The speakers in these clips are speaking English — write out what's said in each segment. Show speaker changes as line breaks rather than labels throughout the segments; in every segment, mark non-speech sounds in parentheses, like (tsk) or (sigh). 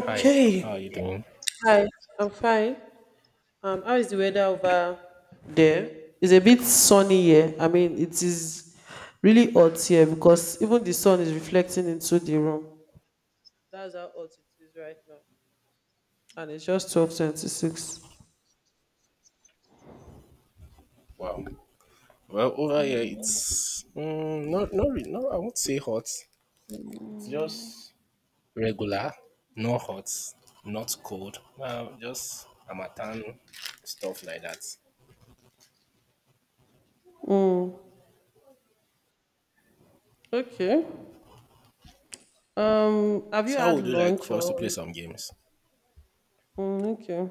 Hi, how are you doing?
Hi, I'm fine. How is the weather over there? It's a bit sunny here. I mean, it is really hot here because even the sun is reflecting into the room. That's how hot it is right now. And it's just 12:26.
Wow. Well, over here it's not really, no. I won't say hot. It's just regular, no hot, not cold. Well, just Amatan stuff like that.
Mm. Okay. Have you
So how
had
would you like
lunch
for us to play
or
some games?
mm, okay.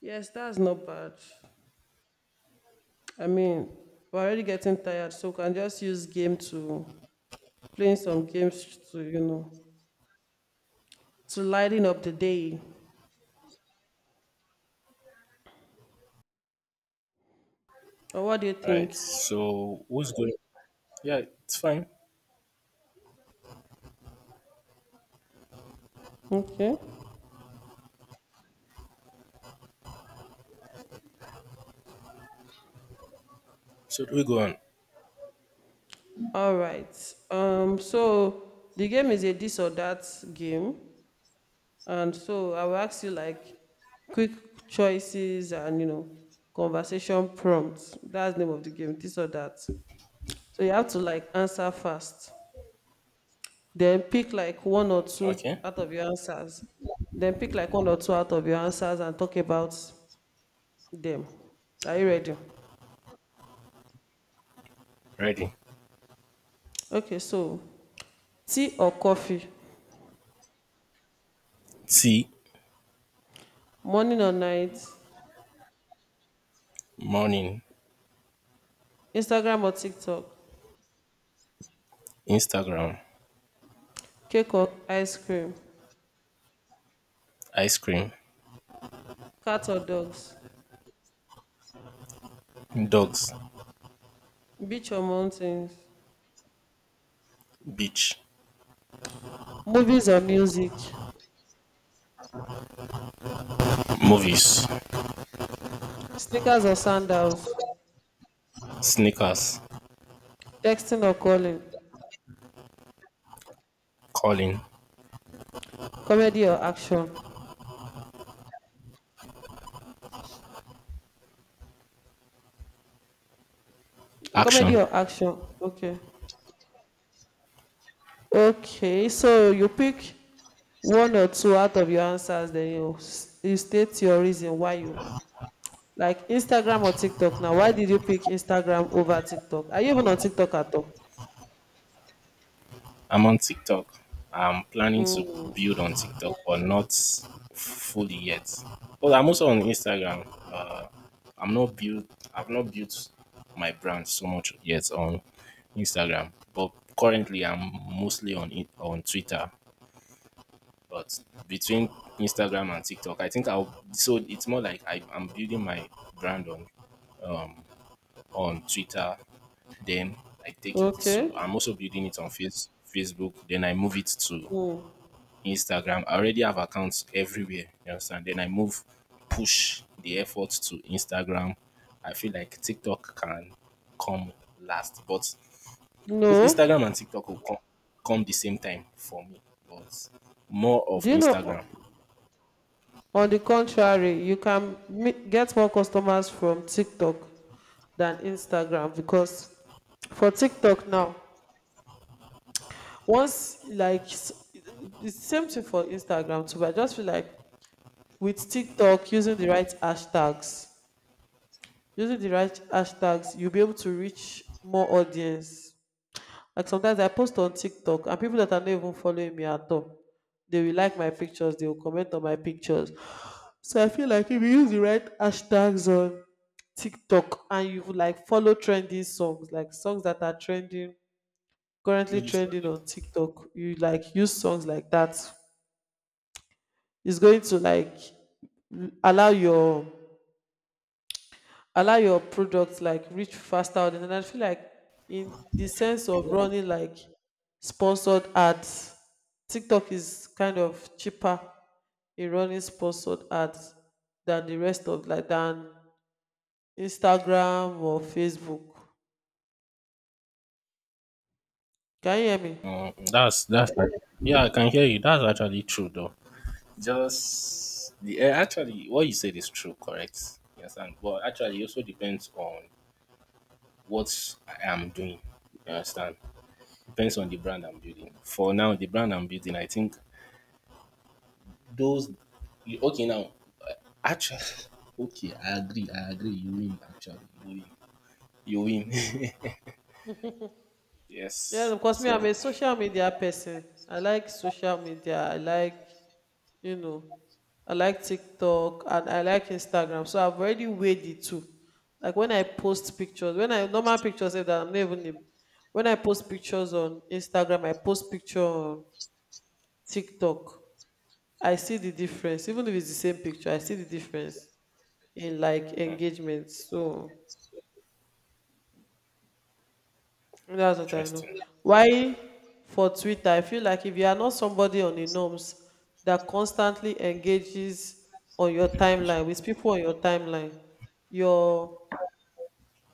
Yes, that's not bad. I mean, we're already getting tired, so we can just use game to playing some games to, to lighten up the day. Or what do you
All right.
think?
So who's going? Yeah, it's fine.
Okay.
So we go on.
All right. So the game is a this or that game. And so I will ask you like quick choices and you know conversation prompts. That's the name of the game, this or that. So you have to like answer fast. Then pick like one or two
Okay.
out of your answers. Then pick like one or two out of your answers and talk about them. Are you ready?
Ready.
Okay, so tea or coffee?
Tea,
Morning or night?
morning,
Instagram or tiktok?
Instagram,
Cake or ice cream?
ice cream,
Cat or dogs?
dogs,
Beach or mountains?
beach,
Movies or music?
movies,
Sneakers or sandals?
sneakers,
Texting or calling?
calling,
Comedy or action? Comedy
action.
or action, okay. Okay, so you pick one or two out of your answers then you state your reason why you like instagram or tiktok. Now why did you pick instagram over tiktok? Are you even on tiktok at all?
I'm on TikTok. I'm planning to
Mm,
build on TikTok, but not fully yet. But I'm also on Instagram. Uh, I'm not built. I've not built my brand so much yet on Instagram. But currently, I'm mostly on it on Twitter. But between Instagram and TikTok, I think I'll. So it's more like I'm building my brand on Twitter. Then I take it
okay.
to. I'm also building it on Facebook. Then I move it to
Mm.
Instagram. I already have accounts everywhere. You understand? Then I move, push the effort to Instagram. I feel like TikTok can come last, but if
No,
Instagram and TikTok will come the same time for me. But more of
do you know?
Instagram.
On the contrary, you can get more customers from TikTok than Instagram because for TikTok now, once the same thing for Instagram too, but I just feel like with TikTok using the right hashtags, using the right hashtags, you'll be able to reach more audience. Like sometimes I post on tiktok and people that are not even following me at all, they will like my pictures, they will comment on my pictures. So I feel like if you use the right hashtags on tiktok and you like follow trending songs, like songs that are trending, currently
No, it's not.
trending on tiktok, you like use songs like that, it's going to like allow your allow your product like reach faster audience. And I feel like in the sense of running like sponsored ads, tiktok is kind of cheaper in running sponsored ads than the rest of than instagram or facebook. Can you hear me?
That's yeah. I can hear you. That's actually true, though. Just actually what you said is true, correct? You understand? But actually, it also depends on what I am doing. You understand? Depends on the brand I'm building. For now, the brand I'm building, I think those. Okay, now eh, actually, (laughs) okay, I agree. I agree. You win. Actually, you win. You win. (laughs)
Yeah,
Yes.
because me, I'm
So
a social media person. I like social media. I like, you know, I like TikTok and I like Instagram. So I've already weighed the two. Like when I post pictures, when I normal pictures say that I'm not when I post pictures on Instagram, I post picture on TikTok. I see the difference. Even if it's the same picture, I see the difference in like engagement. So that's what I know.
interesting.
Why for Twitter? I feel like if you are not somebody on the norms that constantly engages on your timeline with people on your timeline, your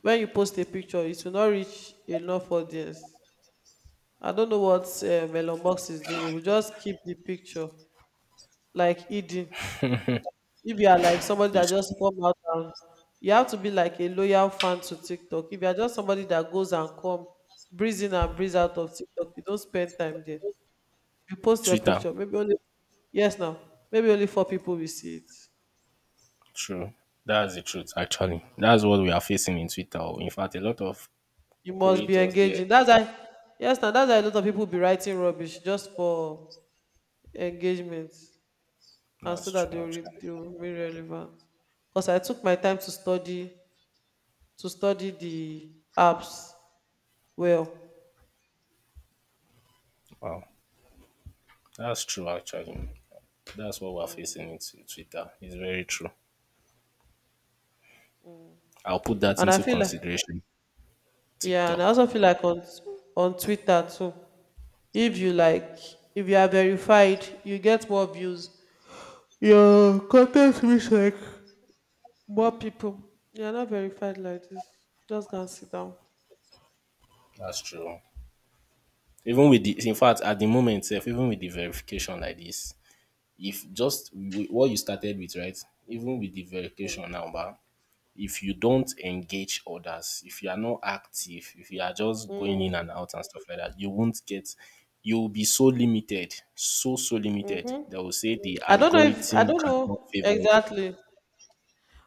when you post a picture, it will not reach enough audience. I don't know what Elon Musk is doing. He will just keep the picture like hidden. If you are like somebody that
This
just come out and you have to be like a loyal fan to TikTok. If you are just somebody that goes and come, breeze in and breeze out of TikTok, you don't spend time there. You post your
Twitter,
picture, maybe only yes now, maybe only four people will see it.
true. That's the truth. Actually, that's what we are facing in Twitter. In fact, a lot of
You must be
creators there.
engaging. That's why yes now, that's why a lot of people be writing rubbish just for engagement and so
That's
that they
true,
will,
actually.
they will be relevant. Because I took my time to study the apps well.
Wow. That's true, actually. That's what we're facing into Twitter. It's very true. I'll put that
And I
into
feel like
consideration.
yeah, and I
TikTok.
also feel like on Twitter too, if you like, if you are verified, you get more views. Your content reach like more people. You are not verified like this. Just go and sit down.
That's true. Even with the, in fact, at the moment, itself, even with the verification like this, if just what you started with, right? Even with the verification now, bah, if you don't engage others, if you are not active, if you are just going in and out and stuff like that, you won't get, you'll be so limited, so, so limited. They will say the
I
algorithm
don't
cannot
know
favor you.
exactly.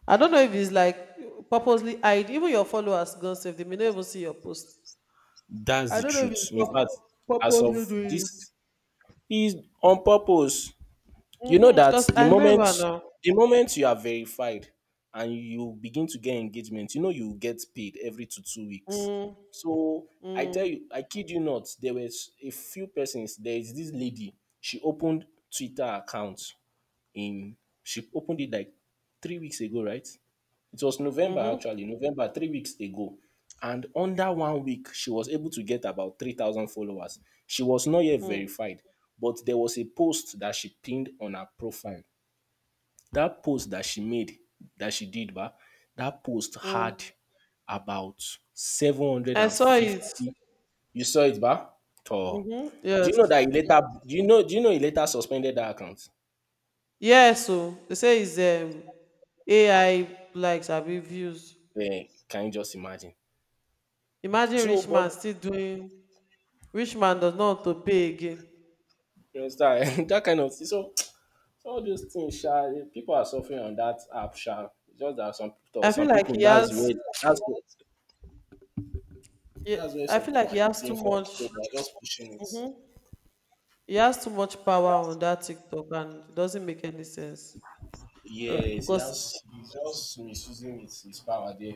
I don't know if it's like purposely hide. Even your followers gone safe. They may not even see your post.
That's
I
the
don't know if it's
truth. In fact, as
purposely
of
doing it.
this, is on purpose. You know
Mm-hmm.
that
Because
the
I
moment
remember now.
the moment you are verified and you begin to get engagement, you get paid every two weeks.
Mm,
So I tell
mm,
you, I kid you not, there was a few persons. There is this lady. She opened Twitter account in she opened it like 3 weeks ago, right? It was November,
mm-hmm,
actually, November 3 weeks ago. And under one week, she was able to get about 3,000 followers. She was not yet
mm,
verified, but there was a post that she pinned on her profile. That post that she made, that she did, but that post had
mm.
about
I saw it.
750. You saw it, ba? Oh.
Mm-hmm.
Do
Yes.
you know that he later do you know he later suspended that account?
Yes. So they say it's AI likes have been views.
Can you just imagine?
Imagine
So
rich
but
man still doing. Rich man does not want to pay again.
you understand (laughs) that kind of thing. So all those things, sha, people are suffering on that app, sha. It's just that some people,
I feel
some
like
people,
he has.
that's where, that's where
I
some
feel
people
like he
are
has too
eating from. So they're
much.
just pushing it.
Mm-hmm. He has too much power on that TikTok, and it doesn't make any sense. Like,
Yes,
because,
he's just misusing his power there.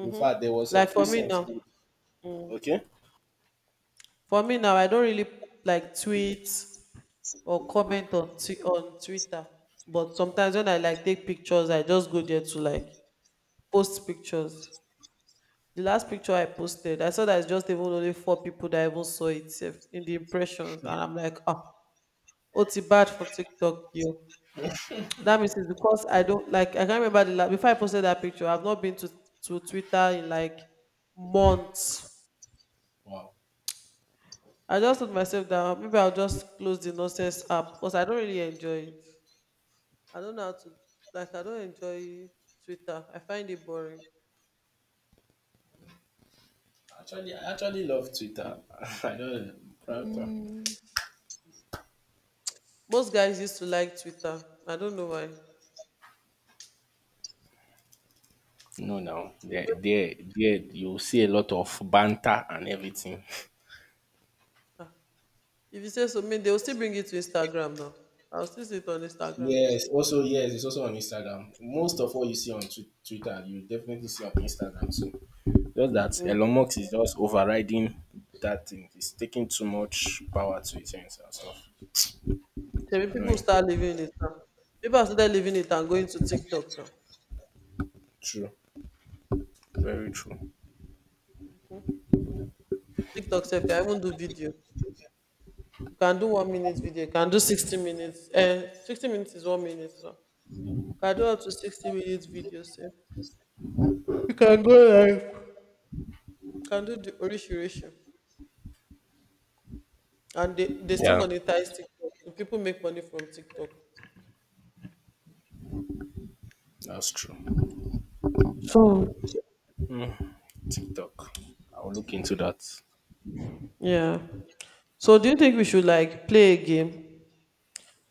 In fact, there was a
like for me
recent.
now, mm,
Okay.
for me now, I don't really like tweet or comment on on Twitter. But sometimes when I like take pictures, I just go there to like post pictures. The last picture I posted, I saw that it's just even only four people that even saw it sef in the impressions, and I'm like, ah, oh, it's bad for TikTok, yo. That means it's because I don't like. I can't remember the last before I posted that picture. I've not been to Twitter in like months.
Wow.
I just told myself that maybe I'll just close the nonsense app because I don't really enjoy it. I don't know how to I don't enjoy Twitter. I find it boring.
Actually, I actually love Twitter. (laughs) I don't know.
Mm. Most guys used to like Twitter. I don't know why.
No, now there, you see a lot of banter and everything.
Ah, if you say so, mean they will still bring it to Instagram now. I'll still see it on Instagram.
Yes, also yes, it's also on Instagram. Most of what you see on Twitter, you definitely see on Instagram too. Just that Elon
Mm-hmm.
Musk is just overriding that thing. It's taking too much power to his hands and stuff. It's
People will
annoying.
start leaving it now. People are started leaving it and going to TikTok now.
True. Very true.
TikTok self, I even do video. You can do 1 minute video. You can do 60 minutes. Eh, 60 minutes is 1 minute now. You can do up to 60 minutes video self. You can go live. You can do the orishirishi. And they still
Yeah.
monetize TikTok. So people make money from TikTok.
That's true.
So
TikTok. I'll look into that.
yeah. So do you think we should like play a game?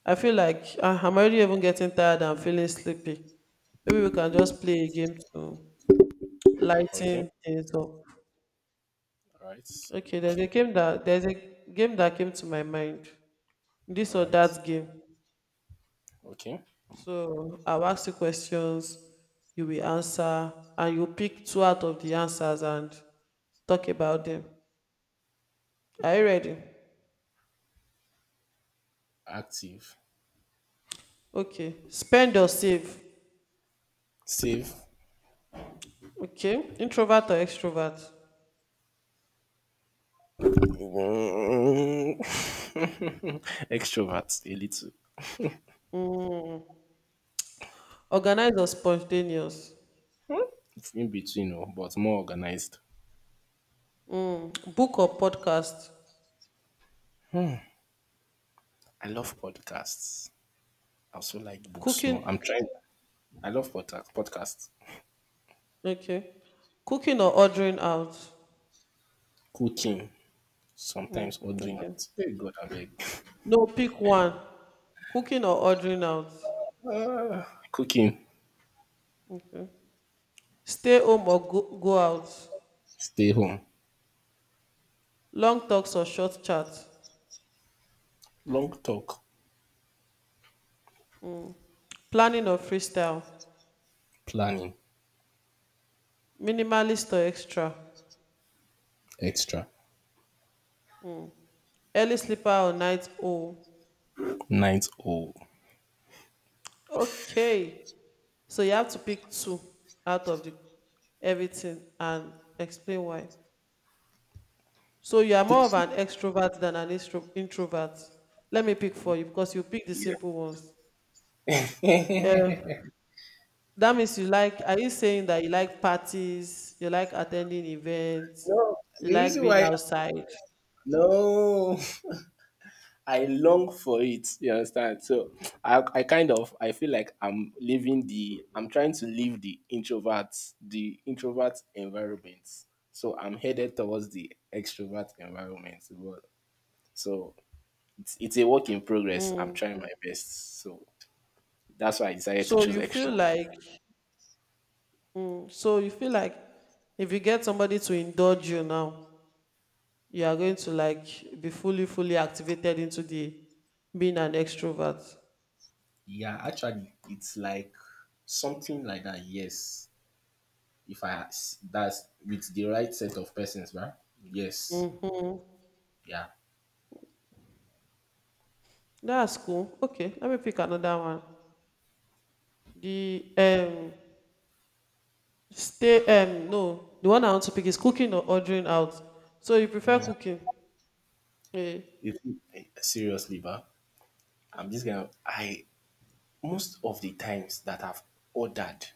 I feel like ah, I'm already even getting tired and feeling sleepy. Maybe we can just play a game to
Okay.
lighten things up.
All right.
Okay, there's a
Okay.
game that there's a game that came to my mind.
All
This or
right.
that game.
Okay.
So I'll ask you questions, you will answer, and you pick two out of the answers and talk about them. Are you ready?
Active.
Okay. Spend or save?
Save.
Okay. Introvert or extrovert?
(laughs) Extrovert. A little.
Mm. Organized or spontaneous?
In between, oh, but more organized.
Mm. Book or podcast?
I love podcasts. I also like books
Cooking.
more. I'm trying. I love podcasts. Podcasts,
Okay. Cooking or ordering out?
cooking, sometimes ordering
Okay.
out. Hey God, I beg. (laughs)
No, pick one. Cooking or ordering out?
Cooking,
Okay. Stay home or go out?
stay home,
Long talks or short chats?
long talk,
Planning or freestyle?
planning,
Minimalist or extra?
extra,
Early sleeper or night owl?
night owl.
Okay. So you have to pick two out of the everything and explain why. So you are
Big
more of an extrovert than an introvert. Let me pick for you because you pick the
Yeah.
simple ones. Uh, that means you like. Are you saying that you like parties? You like attending events?
No,
You
the
like
reason
being
why
outside?
no. (laughs) I long for it. You understand? So I feel like I'm living the I'm trying to leave the introvert environment. So I'm headed towards the extrovert environment. But- So it's a work in progress. I'm
Mm.
trying my best. So that's why I decided to
So
choose
you feel
extrovert.
like. Mm, so you feel like if you get somebody to indulge you now, you are going to like be fully fully activated into the being an extrovert.
Yeah, actually, it's like something like that. Yes, if I that's with the right set of persons, right? Yes.
Hmm,
Yeah.
that's cool. Okay, let me pick another one, the stay no, the one I want to pick is cooking or ordering out. So you prefer cooking, yeah.
You see, seriously, ba, I'm just gonna. I most of the times that I've ordered,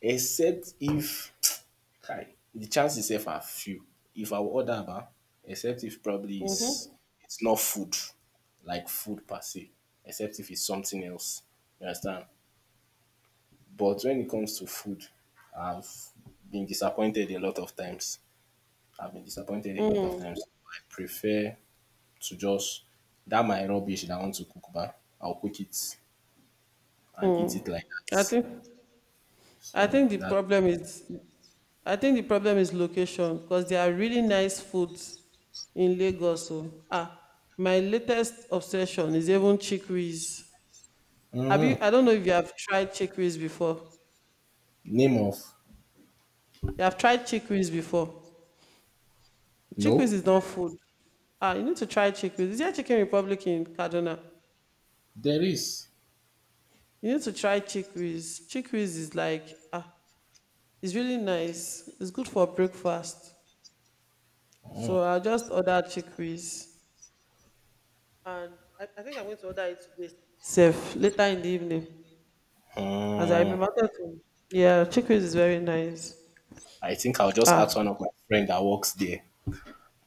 except if (tsk) Kai, the chances if are few. If I will order, ba, except if probably it's
Mm-hmm.
it's not food, like food per se, except if it's something else. You understand? But when it comes to food, I've been disappointed a lot of times. I've been disappointed a lot of times. I prefer to just that my rubbish that I want to cook back, I'll cook it and eat
Mm-hmm.
it like
i
that.
think I
So
think the
that
problem is I think the problem is location because there are really nice foods in lagos so ah, my latest obsession is even chickpeas. Have
Mm,
you? I don't know if you have tried chickpeas before.
name of
You have tried chickpeas before. Chickpeas
no,
is not food. Ah, you need to try chickpeas. Is there Chicken Republic in Kaduna?
there is.
You need to try chickpeas. Chickpeas is like ah, it's really nice. It's good for breakfast. So
Mm,
I just ordered chickpeas, and I think I'm going to order it today. Safe later in the evening, as I
mm.
remember to. Yeah, chickpeas is very nice.
I think I'll just
Ah,
ask one of my friend that works there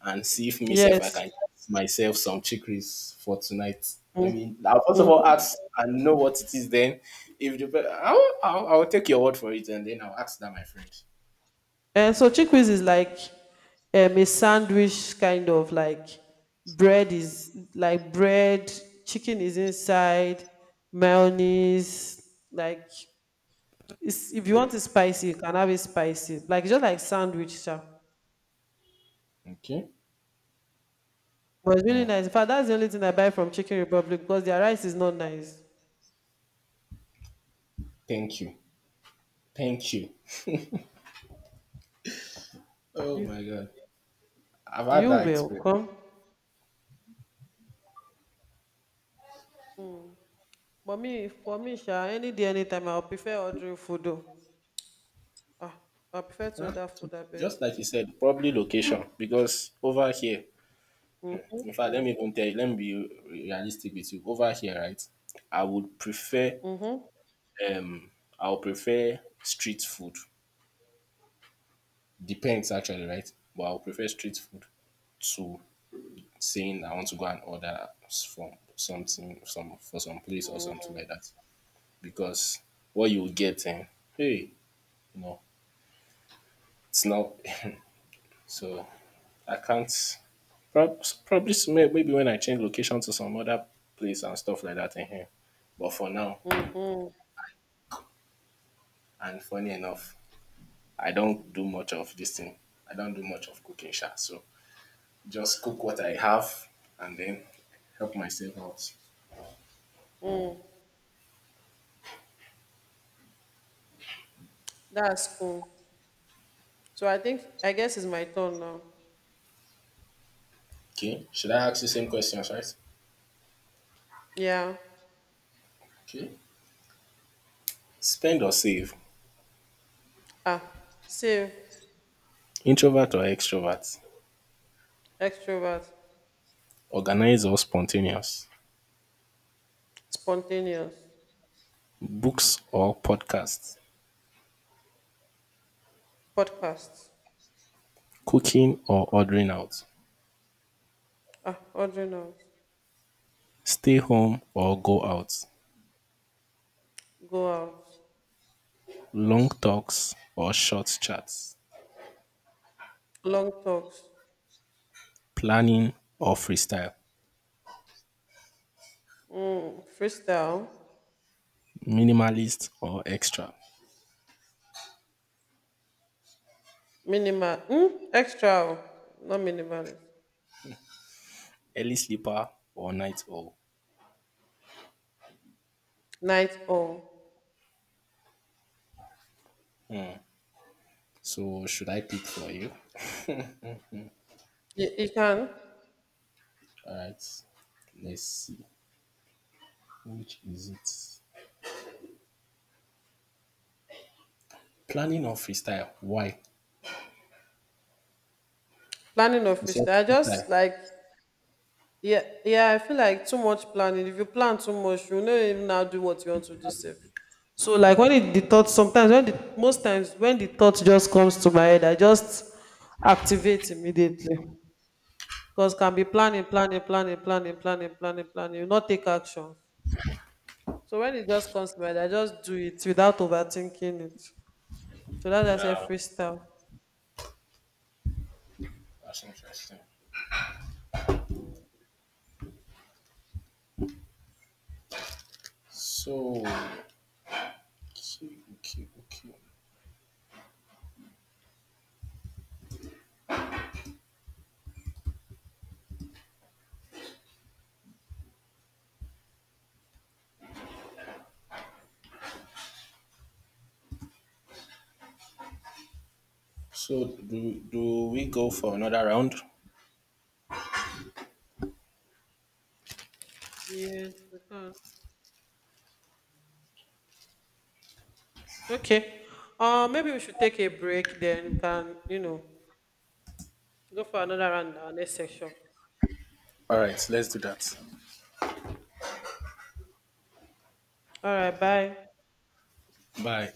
and see if myself I
yes.
can get myself some chickpeas for tonight. Let
Mm-hmm.
me. I'll first of all ask
Mm-hmm.
and know what it is. Then, if I'll take your word for it, and then I'll ask that my friend.
And so chickpeas is like a sandwich kind of like bread, is like bread, chicken is inside, mayonnaise, like it's, if you want it spicy, you can have it spicy. Like just like sandwich, sha.
Okay.
But it's really nice. In fact, that's the only thing I buy from Chicken Republic because their rice is not nice.
Thank you. Thank you. Oh
You
my god. I've had
you
that
welcome.
experience.
Mm. But me, for me, sha, any day, anytime, I'll prefer ordering food. Though. Ah, I prefer to
Huh?
order food, I beg.
Just like you said, probably location because over here, in fact, let me even tell you, let me be realistic with you. Over here, right? I would prefer
Mm-hmm.
um, I would prefer street food. Depends actually, right? But I would prefer street food to saying I want to go and order from something, some place or something like that. Because what you will get, hey, you know, it's not. (laughs) So I can't. Probably maybe when I change location to some other place and stuff like that in here. But for now,
Mm-hmm.
and funny enough, I don't do much of this thing. I don't do much of cooking, sha. So just cook what I have and then help myself out.
Mm. That's cool. So I think I guess it's my turn now.
Okay. Should I ask you same questions, right?
Yeah.
Okay. Spend or save?
Ah. Save.
Introvert or extrovert?
Extrovert.
Organize or spontaneous?
Spontaneous.
Books or podcasts?
Podcasts.
Cooking or ordering out?
Ah. Ordering out.
Stay home or go out?
Go out.
Long talks or short chats,
Long talks.
planning or freestyle,
Mm. Freestyle.
minimalist or extra,
Minimal. Mm. Extra. Not minimalist.
early sleeper or night owl.
Night owl.
So should I pick for you?
You can.
All right. Let's see. Which is it? Planning or freestyle? Why?
Planning of
You said
freestyle. I just
freestyle.
like yeah, yeah, I feel like too much planning. If you plan too much, you know, even now do what you want to do safe. So like when it, the thought sometimes when the most times when the thought just comes to my head, I just activate immediately. Because can be planning, planning, planning, planning, planning, planning, planning. You not take action. So when it just comes to my head, I just do it without overthinking it. So that's I said
Yeah,
freestyle.
that's interesting. So okay, okay, okay. So do we go for another round?
Yes, we can. Okay. Maybe we should take a break then. We Can you know go for another round in our next section.
All right, let's do that.
All right, bye.
Bye.